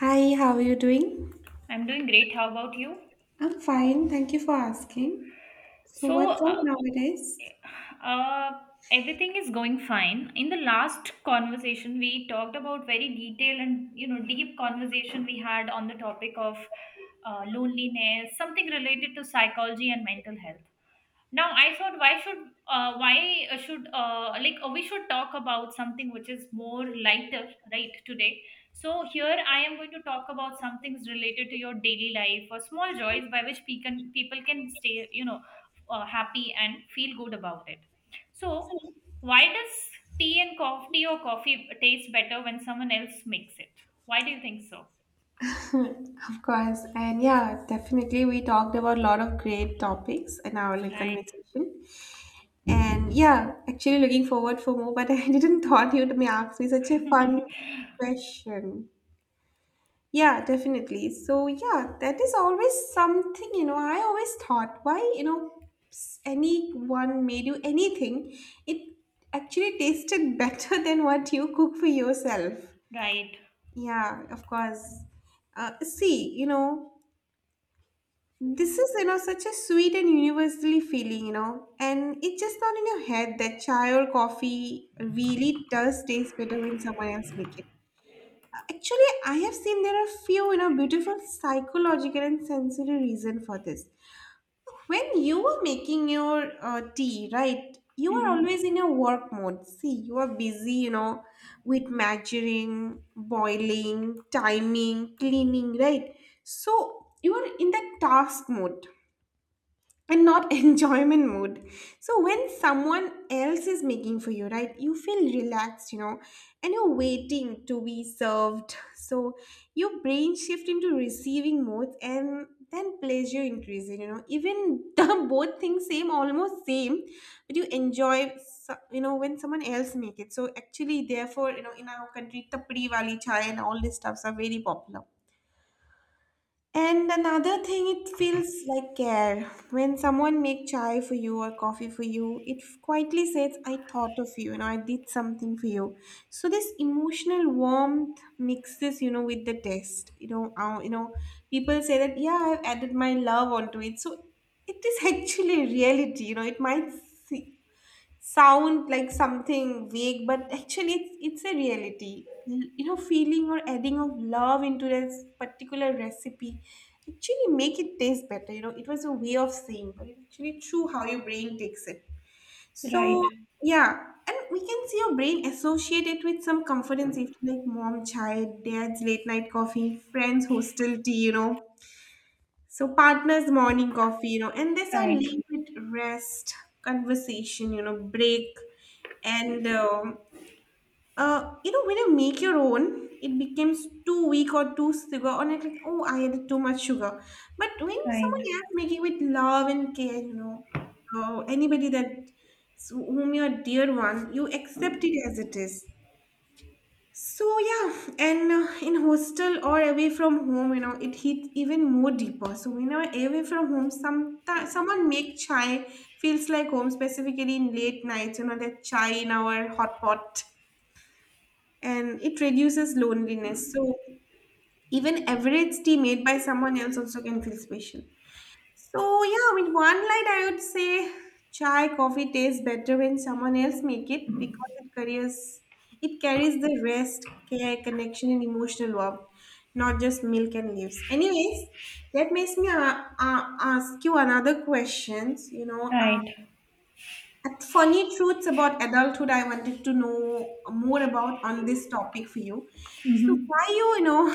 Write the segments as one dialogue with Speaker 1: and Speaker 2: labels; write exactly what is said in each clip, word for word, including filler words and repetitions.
Speaker 1: Hi, how are you doing?
Speaker 2: I'm doing great. How about you?
Speaker 1: I'm fine, thank you for asking. So,
Speaker 2: So,
Speaker 1: what's up
Speaker 2: uh,
Speaker 1: nowadays?
Speaker 2: uh, Everything is going fine. In the last conversation, we talked about very detailed and you know deep conversation we had on the topic of uh, loneliness, something related to psychology and mental health. Now I thought why should uh, why uh, should uh, like uh, we should talk about something which is more lighter, right, today. So here I am going to talk about some things related to your daily life or small joys by which pe- can, people can stay, you know uh, happy and feel good about it. So why does tea and coffee tea or coffee taste better when someone else makes it? Why do you think so?
Speaker 1: Of course, and yeah, definitely, we talked about a lot of great topics in our like,
Speaker 2: Right.
Speaker 1: conversation. And yeah, actually, looking forward for more, but I didn't thought you'd may ask me such a fun question. Yeah, definitely. So, yeah, that is always something, you know, I always thought why, you know, s- anyone made you anything, it actually tasted better than what you cook for yourself.
Speaker 2: Right.
Speaker 1: Yeah, of course. Uh, see, you know, this is, you know, such a sweet and universally feeling, you know, and it's just not in your head that chai or coffee really does taste better when someone else makes it. Actually, I have seen there are few, you know, beautiful psychological and sensory reason for this. When you are making your uh, tea, right? You are
Speaker 2: Hmm.
Speaker 1: always in your work mode. See, you are busy, you know, with measuring, boiling, timing, cleaning, right? So you are in the task mode and not enjoyment mode. So when someone else is making for you, right, you feel relaxed, you know, and you're waiting to be served. So your brain shift into receiving mode, and then pleasure increases, you know, even the both things same, almost same, but you enjoy so- you know, when someone else make it. So actually therefore, you know, in our country, tapri wali chai and all these stuffs are very popular. And another thing, it feels like care. When someone make chai for you or coffee for you, it f- quietly says, I thought of you, you know, I did something for you. So this emotional warmth mixes, you know, with the taste. You know, uh, you know, people say that, yeah, I've added my love onto it. So it is actually reality, you know, it might see, sound like something vague, but actually it's it's a reality. L- You know, feeling or adding of love into this particular recipe actually make it taste better. You know, it was a way of saying, but it's actually true how your brain takes it.
Speaker 2: Right,
Speaker 1: So yeah, and we can see your brain associate it with some comfort and safety, like mom, child, dad's late night coffee, friends, hostel tea. You know, so partners, morning coffee, you know, and this are
Speaker 2: right,
Speaker 1: linked with rest, conversation, you know, break, and um uh, you know, when you make your own, it becomes too weak or too sugar, or like, like, oh, I added too much sugar. But when someone
Speaker 2: right.
Speaker 1: else make it with love and care, you know, uh, anybody that whom you're dear one, you accept it as it is. So yeah, and uh, in hostel or away from home, you know, it hits even more deeper. So when I'm away from home, some someone make chai feels like home, specifically in late nights. You know that chai in our hot pot, and it reduces loneliness. So even average tea made by someone else also can feel special. So yeah, I mean, one light I would say chai coffee tastes better when someone else make it because it carries it carries the rest, care, connection, and emotional warmth, not just milk and leaves. Anyways, that makes me uh, uh, ask you another questions. You know, uh,
Speaker 2: Right.
Speaker 1: at funny truths about adulthood. I wanted to know more about on this topic for you. So
Speaker 2: Hmm.
Speaker 1: why you you know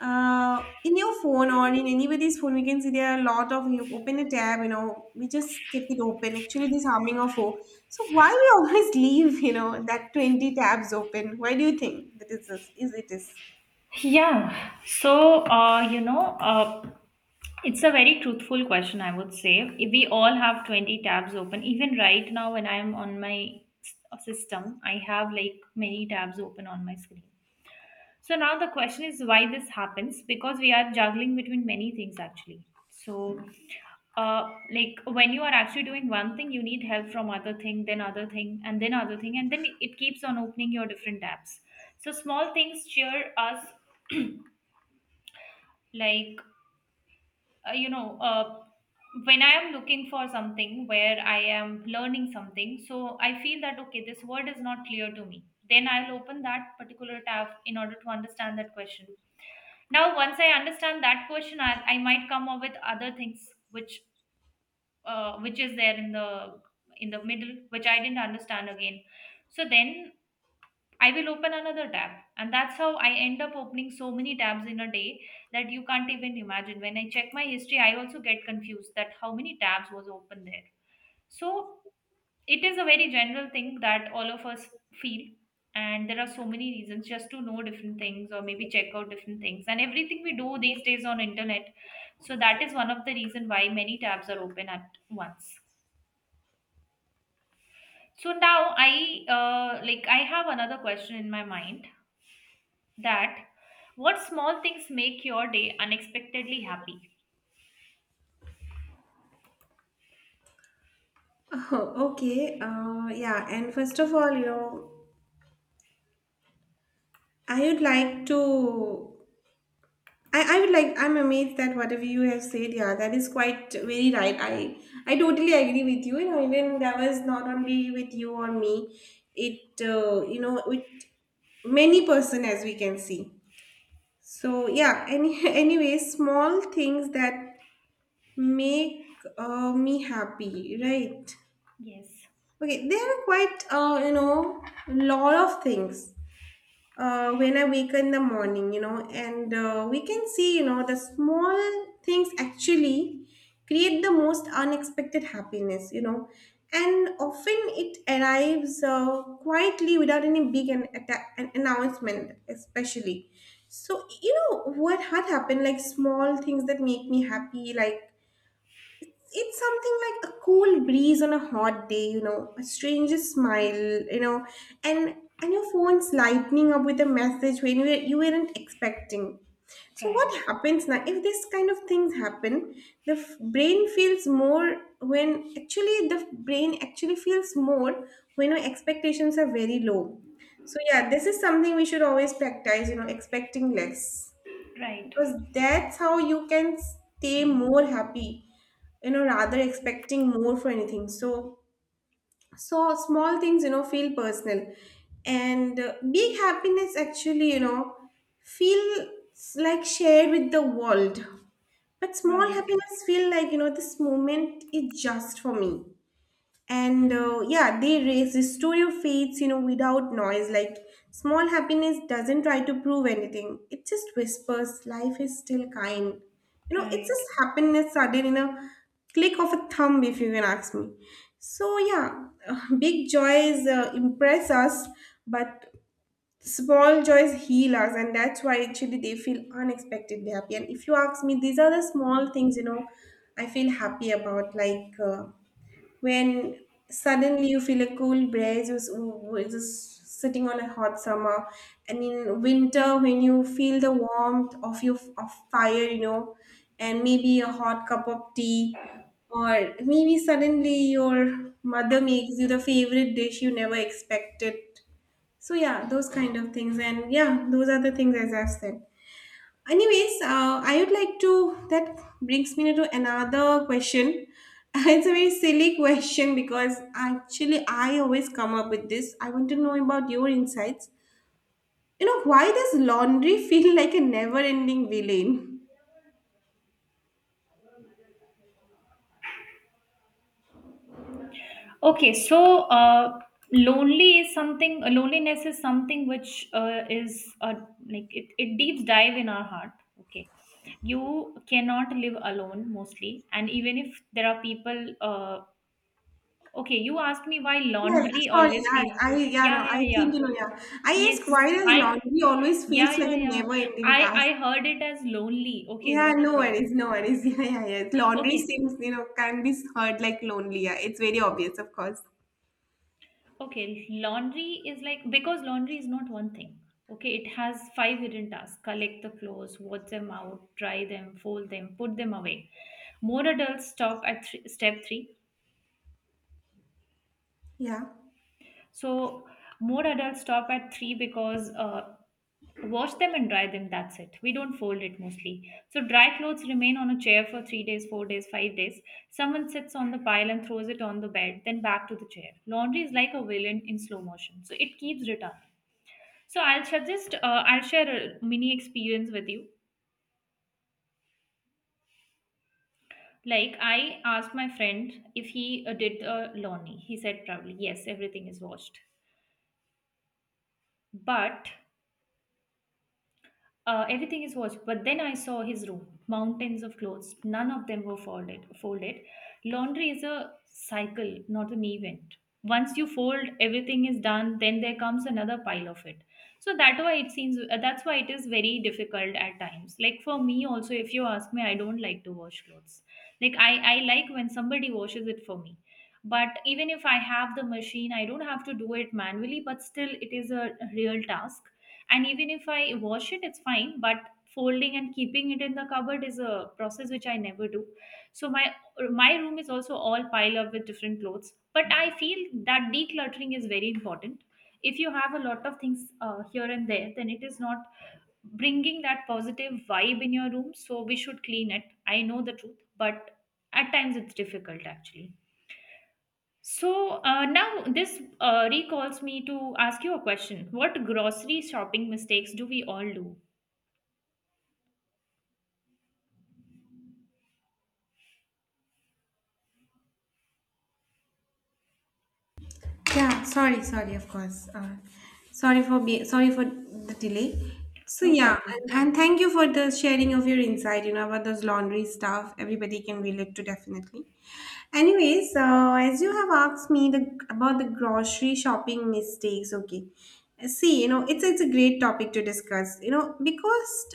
Speaker 1: uh, in your phone or in anybody's phone, we can see there are a lot of you open a tab, you know, we just keep it open. Actually, this harming our phone. So why we always leave, you know, that twenty tabs open? Why do you think that is is is it is?
Speaker 2: Yeah. So, uh, you know, uh, it's a very truthful question, I would say. If we all have twenty tabs open, even right now when I'm on my s- system, I have like many tabs open on my screen. So now the question is why this happens, because we are juggling between many things actually. So, uh, like when you are actually doing one thing, you need help from other thing, then other thing, and then other thing, and then it keeps on opening your different tabs. So small things cheer us, like, uh, you know, uh, when I am looking for something where I am learning something, so I feel that okay, this word is not clear to me. Then I'll open that particular tab in order to understand that question. Now once I understand that question, i, I might come up with other things which, uh, which is there in the in the middle, which I didn't understand again. So then I will open another tab, and that's how I end up opening so many tabs in a day, that you can't even imagine. When I check my history, I also get confused that how many tabs was open there. So it is a very general thing that all of us feel, and there are so many reasons just to know different things or maybe check out different things, and everything we do these days on internet. So that is one of the reason why many tabs are open at once. So now I, uh, like I have another question in my mind, that what small things make your day unexpectedly happy?
Speaker 1: Oh, okay. Uh, yeah. And first of all, you know, I would like to I, I would like I'm amazed that whatever you have said, yeah, that is quite very right. I I totally agree with you. You know, even that was not only with you or me, it uh, you know, with many person as we can see. So yeah, any anyway, small things that make uh, me happy, right?
Speaker 2: Yes.
Speaker 1: Okay, there are quite uh, you know, lot of things uh, when I wake in the morning, you know, and uh, we can see, you know, the small things actually create the most unexpected happiness, you know, and often it arrives uh, quietly without any big an, atta- an announcement, especially. So, you know, what had happened, like small things that make me happy, like it's something like a cool breeze on a hot day, you know, a stranger's smile, you know, and and your phone's lightning up with a message when you, were- you weren't expecting. So
Speaker 2: Right.
Speaker 1: what happens now if this kind of things happen? The f- brain feels more when actually the brain actually feels more when our expectations are very low. So yeah, this is something we should always practice, you know, expecting less,
Speaker 2: Right.
Speaker 1: because that's how you can stay more happy, you know, rather expecting more for anything. So, so small things, you know, feel personal, and uh, big happiness actually, you know, feels like shared with the world, but small
Speaker 2: Right.
Speaker 1: happiness feel like, you know, this moment is just for me. And uh, yeah, they raise the story of, you know, without noise, like small happiness doesn't try to prove anything. It just whispers, life is still kind, you know. It's
Speaker 2: Right.
Speaker 1: just happiness sudden in a click of a thumb, if you can ask me. So yeah, big joys uh, impress us, but small joys heal us, and that's why actually they feel unexpectedly happy. And if you ask me, these are the small things, you know, I feel happy about, like uh, when suddenly you feel a cool breeze was, was just sitting on a hot summer, and in winter when you feel the warmth of your of fire, you know, and maybe a hot cup of tea, or maybe suddenly your mother makes you the favorite dish you never expected. So yeah, those kind of things, and yeah, those are the things as I've said. Anyways, uh, I would like to. That brings me to another question. It's a very silly question because actually I always come up with this. I want to know about your insights. You know, why does laundry feel like a never-ending villain?
Speaker 2: Okay, so uh, lonely is something. Uh, Loneliness is something which uh, is uh, like it. It deep dive in our heart. Okay, you cannot live alone mostly, and even if there are people. Uh, okay, you asked me why
Speaker 1: Yeah,
Speaker 2: laundry
Speaker 1: sorry.
Speaker 2: always
Speaker 1: Yeah,
Speaker 2: feels.
Speaker 1: I yeah no.
Speaker 2: Yeah,
Speaker 1: I
Speaker 2: yeah,
Speaker 1: think
Speaker 2: yeah.
Speaker 1: you know. Yeah, I ask, why
Speaker 2: Yes,
Speaker 1: does
Speaker 2: I.
Speaker 1: laundry always
Speaker 2: Yeah,
Speaker 1: feels like
Speaker 2: yeah,
Speaker 1: a
Speaker 2: yeah.
Speaker 1: never-ending
Speaker 2: I
Speaker 1: task?
Speaker 2: I heard it as lonely. Okay,
Speaker 1: Yeah,
Speaker 2: not a
Speaker 1: no
Speaker 2: problem.
Speaker 1: worries, no worries. Yeah, yeah, yeah. Laundry
Speaker 2: Okay.
Speaker 1: seems, you know, can be heard like lonely. Yeah, it's very obvious, of course.
Speaker 2: Okay, laundry is like, because laundry is not one thing. Okay, it has five hidden tasks: collect the clothes, wash them out, dry them, fold them, put them away. More adults stop at th- step three.
Speaker 1: Yeah.
Speaker 2: So, more adults stop at three because, uh, wash them and dry them. That's it. We don't fold it mostly. So, dry clothes remain on a chair for three days, four days, five days. Someone sits on the pile and throws it on the bed, then back to the chair. Laundry is like a villain in slow motion. So, it keeps returning. So I'll suggest, uh, I'll share a mini experience with you. Like I asked my friend if he uh, did the laundry. He said proudly, "Yes, everything is washed." But, uh, everything is washed, but then I saw his room. Mountains of clothes. None of them were folded. Folded. Laundry is a cycle, not an event. Once you fold, everything is done. Then there comes another pile of it. So that why it seems. uh, That's why it is very difficult at times. Like for me also, if you ask me, I don't like to wash clothes. Like I, I like when somebody washes it for me. But even if I have the machine, I don't have to do it manually. But still, it is a real task, and even if I wash it it's fine, but folding and keeping it in the cupboard is a process which I never do. So my my room is also all piled up with different clothes, but I feel that decluttering is very important. If you have a lot of things uh, here and there, then it is not bringing that positive vibe in your room, so we should clean it. I know the truth, but at times it's difficult actually. So, uh, now this uh, recalls me to ask you a question. What grocery shopping mistakes do we all do?
Speaker 1: Yeah, sorry, sorry, of course. Uh, sorry for be sorry for the delay. So
Speaker 2: No
Speaker 1: yeah,
Speaker 2: problem.
Speaker 1: and, and thank you for the sharing of your insight, you know, about those laundry stuff. Everybody can relate to definitely. Anyways, uh, as you have asked me the about the grocery shopping mistakes, okay. See, you know, it's it's a great topic to discuss, you know, because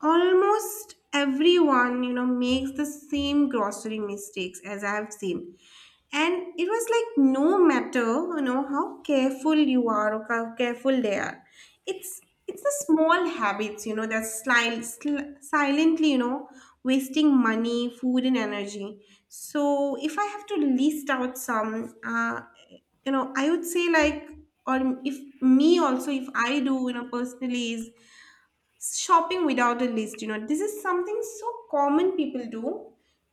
Speaker 1: almost everyone, you know, makes the same grocery mistakes as I have seen, and it was like, no matter, you know, how careful you are or how careful they are, it's it's the small habits, you know, that sli- sl- silently, you know, wasting money, food and energy. So if I have to list out some, uh, you know, I would say, like, or if me also if I do, you know, personally, is shopping without a list. You know, this is something so common people do.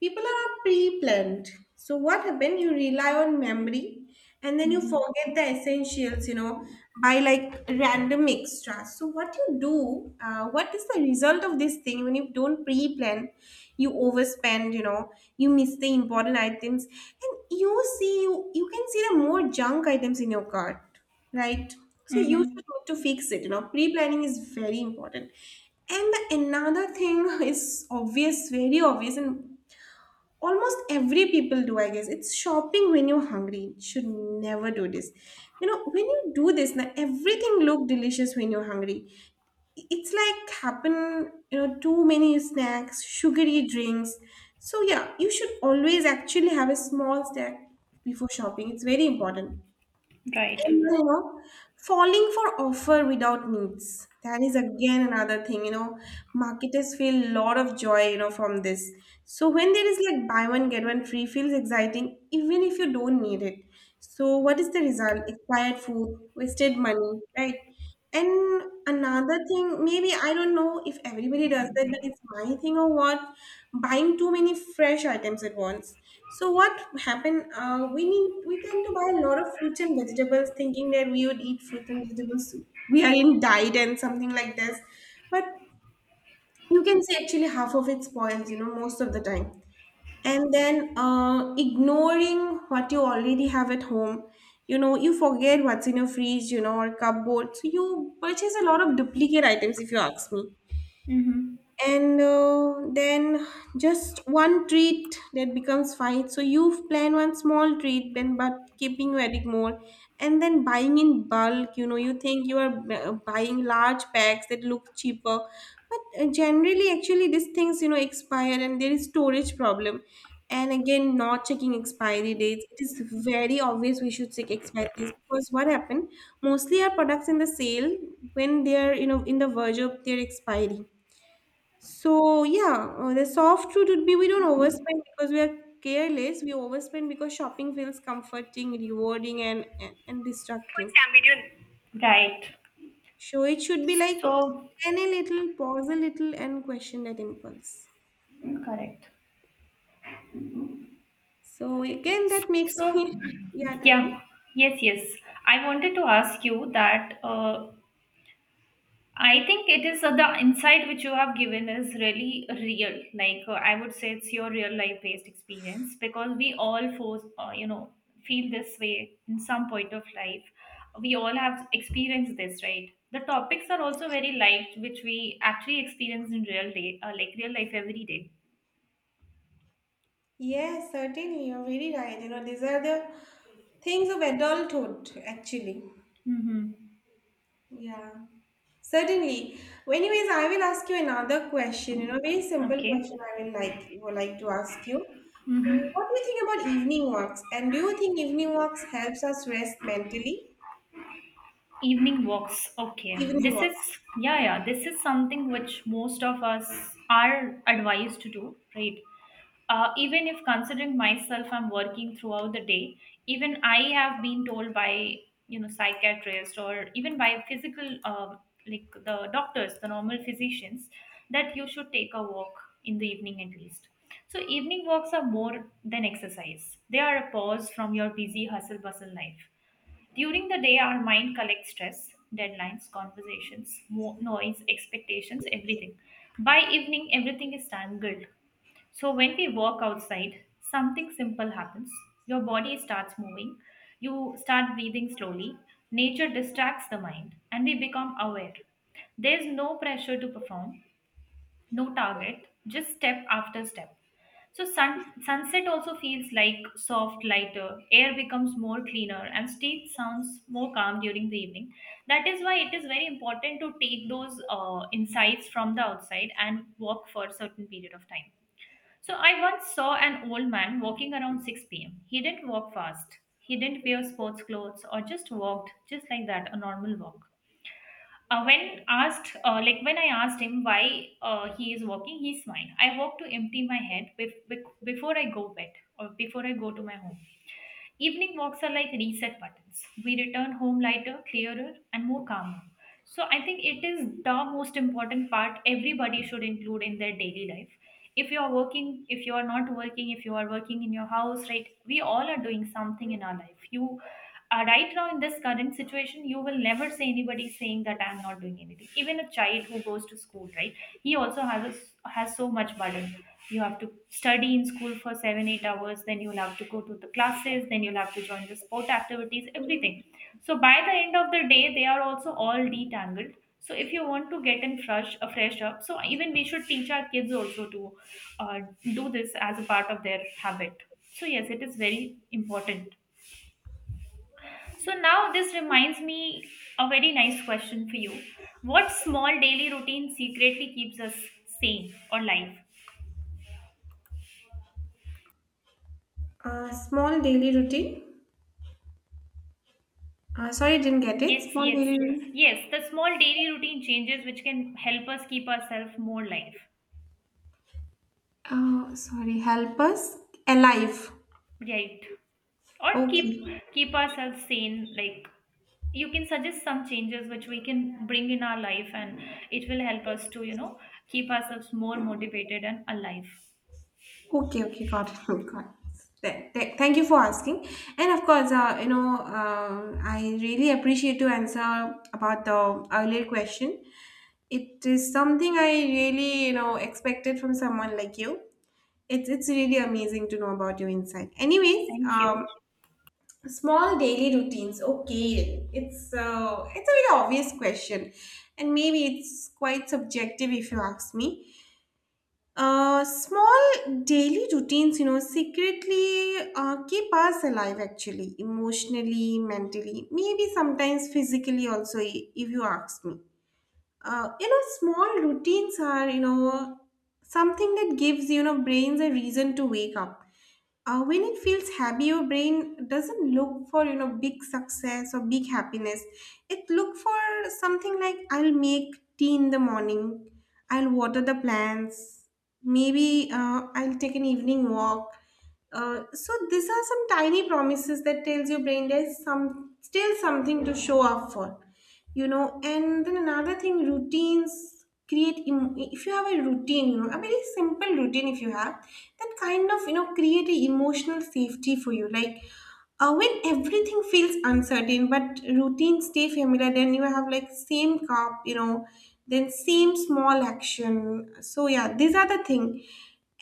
Speaker 1: People are pre-planned. So what happened? You rely on memory, and then you
Speaker 2: Mm-hmm.
Speaker 1: forget the essentials, you know, by like random extras. So what you do, uh, what is the result of this thing when you don't pre-plan? You overspend, you know, you miss the important items, and you see, you you can see the more junk items in your cart, right? So you should
Speaker 2: Mm-hmm.
Speaker 1: need to fix it. You know, pre-planning is very important. And the another thing is obvious, very obvious, and almost every people do, I guess. It's shopping when you're hungry. You Should never do this. You know, when you do this, now everything look delicious when you're hungry. It's like happen, you know, too many snacks, sugary drinks. So yeah, you should always actually have a small snack before shopping. It's very important.
Speaker 2: Right.
Speaker 1: And, you know, falling for offer without needs. That is again another thing, you know, marketers feel a lot of joy, you know, from this. So when there is like buy one, get one free feels exciting, even if you don't need it. So what is the result? Expired food, wasted money, right? And another thing, maybe I don't know if everybody does that, but it's my thing or what, buying too many fresh items at once. So what happened? Uh, we need we tend to buy a lot of fruits and vegetables, thinking that we would eat fruit and vegetables. We are in diet and something like this, but you can say actually half of it spoils, you know, most of the time, and then uh, ignoring what you already have at home. You know you forget what's in your fridge, you know, or cupboard, so you purchase a lot of duplicate items, if you ask me.
Speaker 2: Mm-hmm.
Speaker 1: And uh, then just one treat that becomes fight, so you plan one small treat, then but keeping very more. And then buying in bulk, you know, you think you are uh, buying large packs that look cheaper, but uh, generally actually these things, you know, expire, and there is storage problem. And again, not checking expiry dates. It is very obvious we should check expiry dates, because what happened? Mostly our products in the sale, when they are, you know, in the verge of their expiry. So yeah, uh, the soft truth would be we don't overspend because we are careless. We overspend because shopping feels comforting, rewarding, and and, and distracting.
Speaker 2: Right.
Speaker 1: So it should be like
Speaker 2: So.
Speaker 1: plan a little, pause a little, and question that impulse.
Speaker 2: Correct.
Speaker 1: So again, that makes
Speaker 2: So
Speaker 1: me yeah. Tell me.
Speaker 2: yeah. Yes. Yes. I wanted to ask you that. Uh, I think it is, uh, the insight which you have given is really real. Like, uh, I would say, it's your real life based experience because we all force, uh, you know, feel this way in some point of life. We all have experienced this, right? The topics are also very light, which we actually experience in real day, uh, like real life every day.
Speaker 1: Yes, certainly, you're very right. You know, these are the things of adulthood, actually.
Speaker 2: Mm-hmm.
Speaker 1: Yeah, certainly. Anyways, I will ask you another question, you know, very simple
Speaker 2: Okay.
Speaker 1: question I will like would like to ask you.
Speaker 2: Mhm.
Speaker 1: What do you think about evening walks? And do you think evening walks helps us rest mentally?
Speaker 2: Evening walks. Okay.
Speaker 1: Evening
Speaker 2: This is,
Speaker 1: walk.
Speaker 2: yeah, yeah, this is something which most of us are advised to do, right? Uh, even if considering myself, I'm working throughout the day, even I have been told by, you know, psychiatrist or even by physical, um like the doctors, the normal physicians, that you should take a walk in the evening at least. So evening walks are more than exercise. They are a pause from your busy hustle bustle life. During the day, our mind collects stress, deadlines, conversations, mo- noise, expectations, everything. By evening, everything is tangled. So when we walk outside, something simple happens. Your body starts moving, you start breathing slowly, nature distracts the mind, and we become aware. There's no pressure to perform, no target, just step after step. So sun, sunset also feels like soft, lighter, air becomes more cleaner, and stage sounds more calm during the evening. That is why it is very important to take those uh, insights from the outside and walk for a certain period of time. So I once saw an old man walking around six p m. He didn't walk fast. He didn't wear sports clothes or just walked just like that, a normal walk. Uh, when asked uh, like when I asked him why, uh, he is walking, he smiled. I walk to empty my head bef- bef- before I go bed, or before I go to my home. Evening walks are like reset buttons. We return home lighter, clearer, and more calmer. So I think it is the most important part everybody should include in their daily life. If you are working, if you are not working, if you are working in your house, right? We all are doing something in our life. You uh, Right now in this current situation, you will never say anybody saying that I'm not doing anything. Even a child who goes to school, right, he also has a, has so much burden. You have to study in school for seven eight hours, then you'll have to go to the classes, then you'll have to join the sport activities, everything. So by the end of the day they are also all detangled. So if you want to get in fresh, a fresh up, so even we should teach our kids also to, uh, do this as a part of their habit. So yes, it is very important. So now this reminds me a very nice question for you. What small daily routine secretly keeps us sane or life?
Speaker 1: Uh, small daily routine. Uh, sorry, didn't get it.
Speaker 2: Yes,
Speaker 1: Small
Speaker 2: yes,
Speaker 1: daily routine.
Speaker 2: yes. The small daily routine changes which can help us keep ourselves more life,
Speaker 1: Uh, sorry, help us alive.
Speaker 2: right? Or keep
Speaker 1: Okay.
Speaker 2: keep ourselves sane. Like, you can suggest some changes which we can bring in our life, and it will help us to, you know, keep ourselves more motivated and alive.
Speaker 1: Okay, okay, got it, got it. Th- th- Thank you for asking. And of course, uh, you know, uh, I really appreciate your answer about the earlier question. It is something I really, you know, expected from someone like you. It's it's really amazing to know about your insight. Anyways,
Speaker 2: Thank
Speaker 1: um,
Speaker 2: you.
Speaker 1: small daily routines. Okay, it's uh, it's a very obvious question, and maybe it's quite subjective if you ask me. Uh, small daily routines, you know, secretly uh, keep us alive actually, emotionally, mentally, maybe sometimes physically also, i- if you ask me. uh, you know, small routines are, you know, something that gives, you know, brains a reason to wake up. uh, when it feels happy, your brain doesn't look for, you know, big success or big happiness. It look for something like I'll make tea in the morning, I'll water the plants, maybe uh, I'll take an evening walk. uh, so these are some tiny promises that tells your brain there's some still something to show up for, you know. And then another thing, routines create em- if you have a routine, you know, a very simple routine, if you have that kind of, you know, create a emotional safety for you, like uh, when everything feels uncertain but routines stay familiar, then you have like same cup, you know, then same small action. So yeah, these are the thing.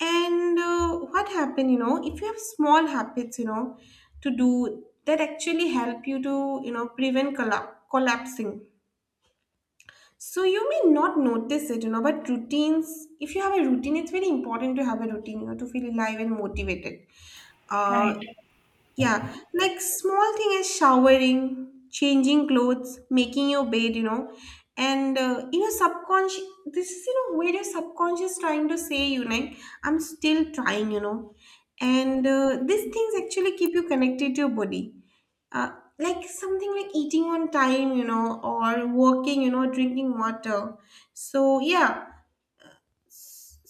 Speaker 1: And uh, what happened, you know, if you have small habits, you know, to do that actually help you to, you know, prevent colla- collapsing. So you may not notice it, you know, but routines, if you have a routine, it's very important to have a routine, you know, to feel alive and motivated. Uh,
Speaker 2: Right,
Speaker 1: yeah, like small thing as showering, changing clothes, making your bed, you know, and uh, you know, subconscious. This is, you know, where your subconscious trying to say you, like I'm still trying, you know, and uh, these things actually keep you connected to your body. Uh, like something like eating on time, you know, or walking, you know, drinking water. So yeah,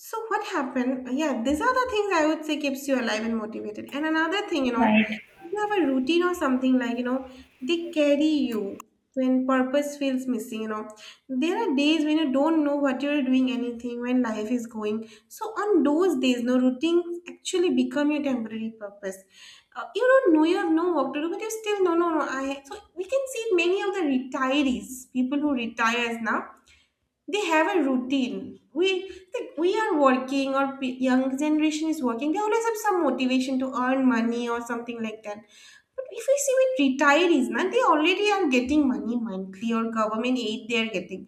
Speaker 1: so what happened? Yeah, these are the things I would say keeps you alive and motivated. And another thing, you know, if
Speaker 2: right.
Speaker 1: you have a routine or something like, you know, they carry you when purpose feels missing, you know. There are days when you don't know what you're doing anything, when life is going. So on those days, no, routines actually become your temporary purpose. Uh, you don't know, you have no work to do, but you still no, no, no. I so we can see many of the retirees, people who retires now, they have a routine. We like we are working, or p- young generation is working, they always have some motivation to earn money or something like that. But if we see with retirees na, they already are getting money monthly or government aid they are getting.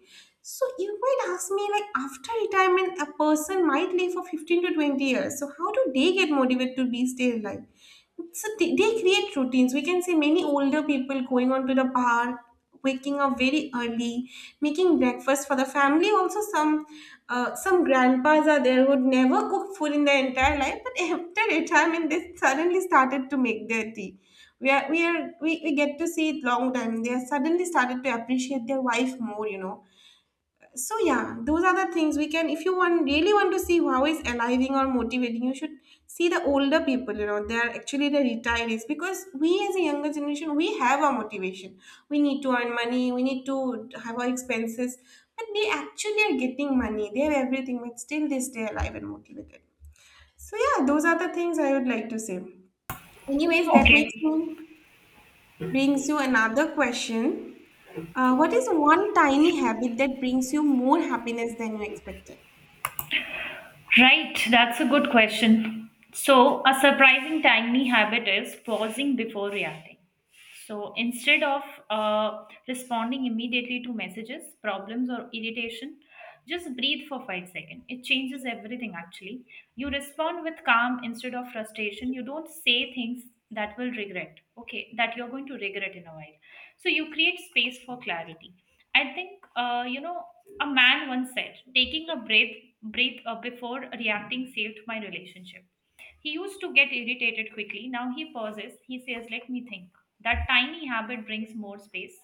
Speaker 1: So you might ask me, like after retirement a person might live for fifteen to twenty years, so how do they get motivated to be stay alive? So they, they create routines. We can see many older people going on to the bar, waking up very early, making breakfast for the family, also some uh, some grandpas are there who never cooked food in their entire life, but after retirement they suddenly started to make their tea. We are we are we, we get to see it long time they are suddenly started to appreciate their wife more, you know. So yeah, those are the things we can, if you want really want to see how is aliving or motivating, you should see the older people, you know, they are actually the retirees. Because we as a younger generation, we have our motivation, we need to earn money, we need to have our expenses, but they actually are getting money, they have everything, but still they stay alive and motivated. So yeah, those are the things I would like to say. Anyways, that makes
Speaker 2: Okay,
Speaker 1: me brings you another question. Uh, what is one tiny habit that brings you more happiness than you expected?
Speaker 2: right. That's a good question. So a surprising tiny habit is pausing before reacting. So instead of, uh, responding immediately to messages, problems, or irritation, just breathe for five seconds. It changes everything actually. You respond with calm instead of frustration. You don't say things that will regret, okay, that you're going to regret in a while. So you create space for clarity. I think, uh, you know, a man once said, taking a breath, breath uh, before reacting saved my relationship. He used to get irritated quickly. Now he pauses. He says, "Let me think." That tiny habit brings more space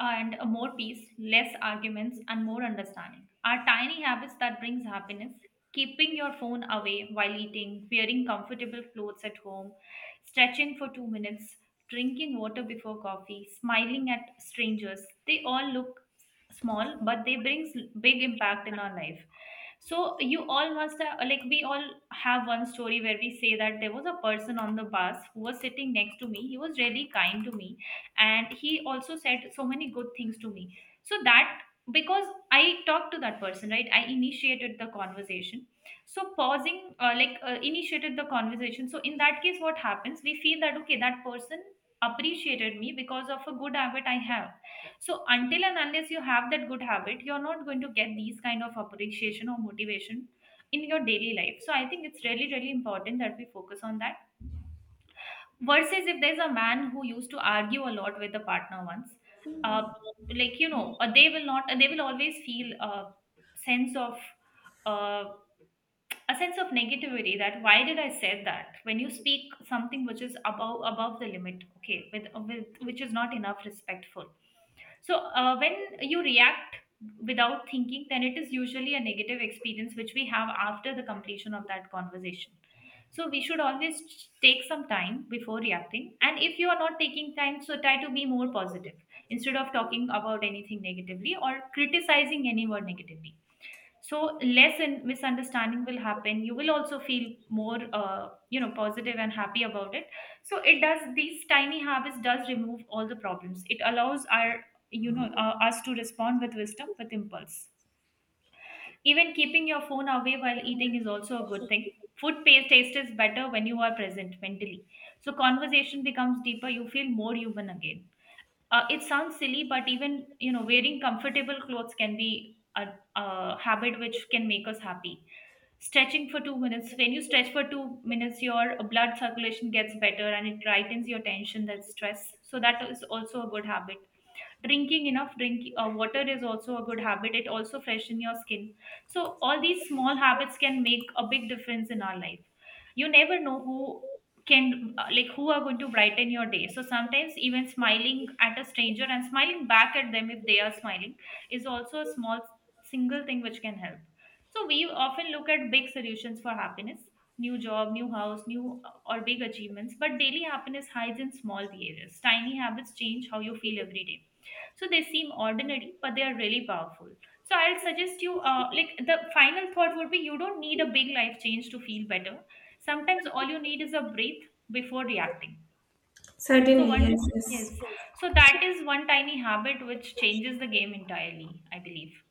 Speaker 2: and more peace, less arguments, and more understanding are tiny habits that brings happiness. Keeping your phone away while eating, wearing comfortable clothes at home, stretching for two minutes, drinking water before coffee, smiling at strangers. They all look small, but they brings big impact in our life. So you all must have, like we all have one story where we say that there was a person on the bus who was sitting next to me. He was really kind to me and he also said so many good things to me so that because I talked to that person, right? I initiated the conversation. So pausing, uh, like uh, initiated the conversation. So in that case, what happens, we feel that, okay, that person appreciated me because of a good habit I have. So until and unless you have that good habit, you're not going to get these kind of appreciation or motivation in your daily life. So I think it's really really important that we focus on that, versus if there's a man who used to argue a lot with the partner once. uh, like you know uh, they will not, uh, they will always feel a sense of uh, a sense of negativity that why did I say that, when you speak something which is above above the limit, okay, with, with which is not enough respectful. So uh, when you react without thinking, then it is usually a negative experience which we have after the completion of that conversation. So we should always ch- take some time before reacting, and if you are not taking time, so try to be more positive instead of talking about anything negatively or criticizing anyone negatively. So less in misunderstanding will happen, you will also feel more, uh, you know positive and happy about it. So it does, these tiny habits does remove all the problems, it allows our, you know uh, us to respond with wisdom with impulse. Even keeping your phone away while eating is also a good thing. Food pa- taste is better when you are present mentally, so conversation becomes deeper, you feel more human again. Uh, it sounds silly, but even you know wearing comfortable clothes can be a, a habit which can make us happy. Stretching for two minutes. When you stretch for two minutes, your blood circulation gets better and it lightens your tension, that stress. So that is also a good habit. Drinking enough drink uh, water is also a good habit, it also freshen your skin. So all these small habits can make a big difference in our life. You never know who can, uh, like who are going to brighten your day. So sometimes even smiling at a stranger and smiling back at them if they are smiling is also a small single thing which can help. So we often look at big solutions for happiness: new job, new house, new, or big achievements. But daily happiness hides in small behaviors. Tiny habits change how you feel every day. So they seem ordinary, but they are really powerful. So I'll suggest you, uh, like the final thought would be, you don't need a big life change to feel better. Sometimes all you need is a breath before reacting. So
Speaker 1: Certainly,
Speaker 2: one.
Speaker 1: yes, yes.
Speaker 2: Yes. So that is one tiny habit which changes the game entirely, I believe.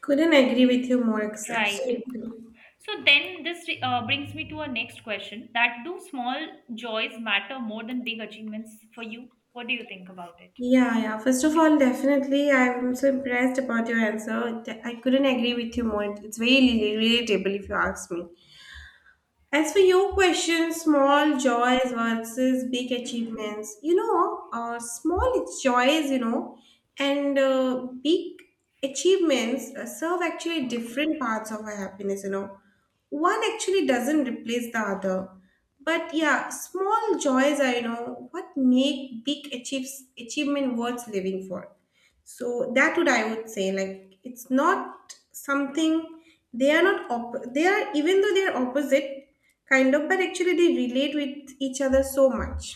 Speaker 1: Couldn't agree with you more. ex-
Speaker 2: Right.
Speaker 1: Absolutely.
Speaker 2: So then this, uh, brings me to our next question, that do small joys matter more than big achievements for you? What do you think about it?
Speaker 1: Yeah, yeah. First of all, definitely, I'm so impressed about your answer. De- I couldn't agree with you more. It's very rel- relatable if you ask me. As for your question, small joys versus big achievements, you know, uh, small joys, you know, and uh, big achievements uh, serve actually different parts of our happiness, you know. One actually doesn't replace the other. But yeah, small joys are, you know, what make big achieves, achievement worth living for. So that would, I would say, like it's not something, they are not op- they are, even though they are opposite kind of, but actually they relate with each other so much.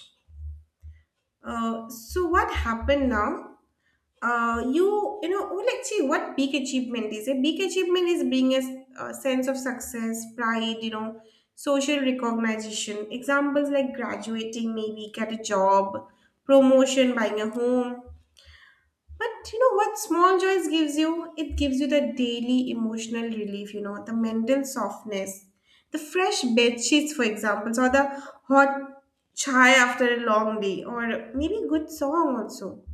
Speaker 1: uh, so what happened now? uh, you you know, oh, let's see what big achievement is. A big achievement is being a, s- a sense of success, pride, you know, social recognition. Examples like graduating, maybe get a job promotion, buying a home. But you know what small joys gives you? It gives you the daily emotional relief, you know, the mental softness, the fresh bed sheets, for example, or the hot chai after a long day, or maybe good song also.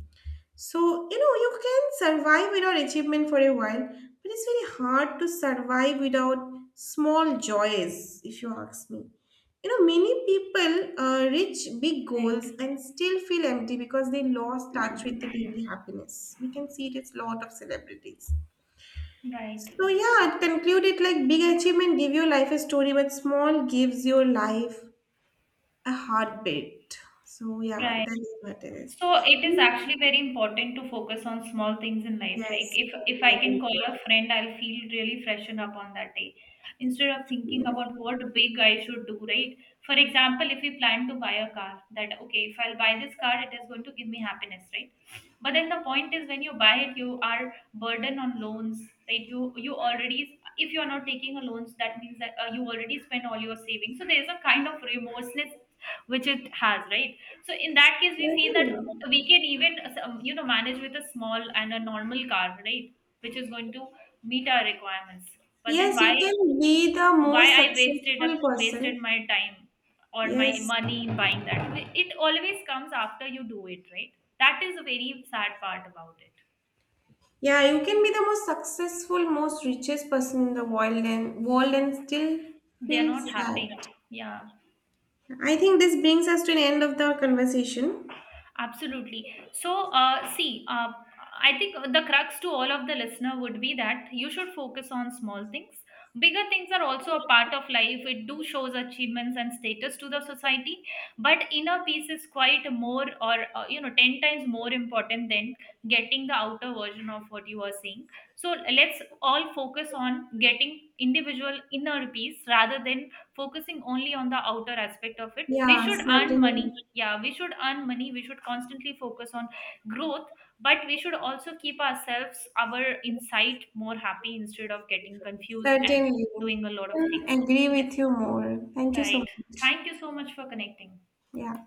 Speaker 1: So, you know, you can survive without achievement for a while, but it's very hard to survive without small joys, if you ask me. You know, many people uh, reach big
Speaker 2: Right.
Speaker 1: goals and still feel empty because they lost touch with the daily happiness. We can see it as lot of celebrities.
Speaker 2: Right.
Speaker 1: So yeah, I'd conclude it like big achievement give your life a story, but small gives your life a heartbeat. So yeah,
Speaker 2: Right.
Speaker 1: that is what it is.
Speaker 2: So it is actually very important to focus on small things in life. Like,
Speaker 1: Yes,
Speaker 2: if if I
Speaker 1: very,
Speaker 2: can
Speaker 1: very
Speaker 2: call
Speaker 1: good.
Speaker 2: a friend, I'll feel really freshen up on that day. Instead of thinking about what big I should do, right? For example, if we plan to buy a car, that okay, if I'll buy this car, it is going to give me happiness, right? But then the point is, when you buy it, you are burden on loans, right? You you already, if you're not taking a loans, that means that, uh, you already spent all your savings, so there's a kind of remorseness which it has, right? So in that case, we feel that we can even, um, you know manage with a small and a normal car, right? Which is going to meet our requirements. But
Speaker 1: Yes,
Speaker 2: then why,
Speaker 1: you can be the
Speaker 2: why
Speaker 1: most
Speaker 2: I wasted up
Speaker 1: successful person.
Speaker 2: wasted my time or
Speaker 1: Yes.
Speaker 2: my money in buying that. It always comes after you do it, right? That is a very sad part about it.
Speaker 1: Yeah, you can be the most successful, most richest person in the world and world and still
Speaker 2: They are
Speaker 1: feel
Speaker 2: not
Speaker 1: sad.
Speaker 2: happy. Yeah.
Speaker 1: I think this brings us to an end of the conversation.
Speaker 2: Absolutely. So, uh, see, uh, I think the crux to all of the listener would be that you should focus on small things. Bigger things are also a part of life. It do shows achievements and status to the society, but inner peace is quite more, or uh, you know, ten times more important than getting the outer version of what you are saying. So let's all focus on getting individual inner peace rather than focusing only on the outer aspect of it. We
Speaker 1: Yeah,
Speaker 2: should earn money.
Speaker 1: certainly.
Speaker 2: Yeah, we should earn money, we should constantly focus on growth, but we should also keep ourselves, our insight, more happy instead of getting confused and
Speaker 1: Certainly.
Speaker 2: doing a lot of
Speaker 1: I
Speaker 2: things.
Speaker 1: agree
Speaker 2: Yes.
Speaker 1: with you more. Thank you so
Speaker 2: Right.
Speaker 1: much.
Speaker 2: Thank you so much for connecting.
Speaker 1: Yeah.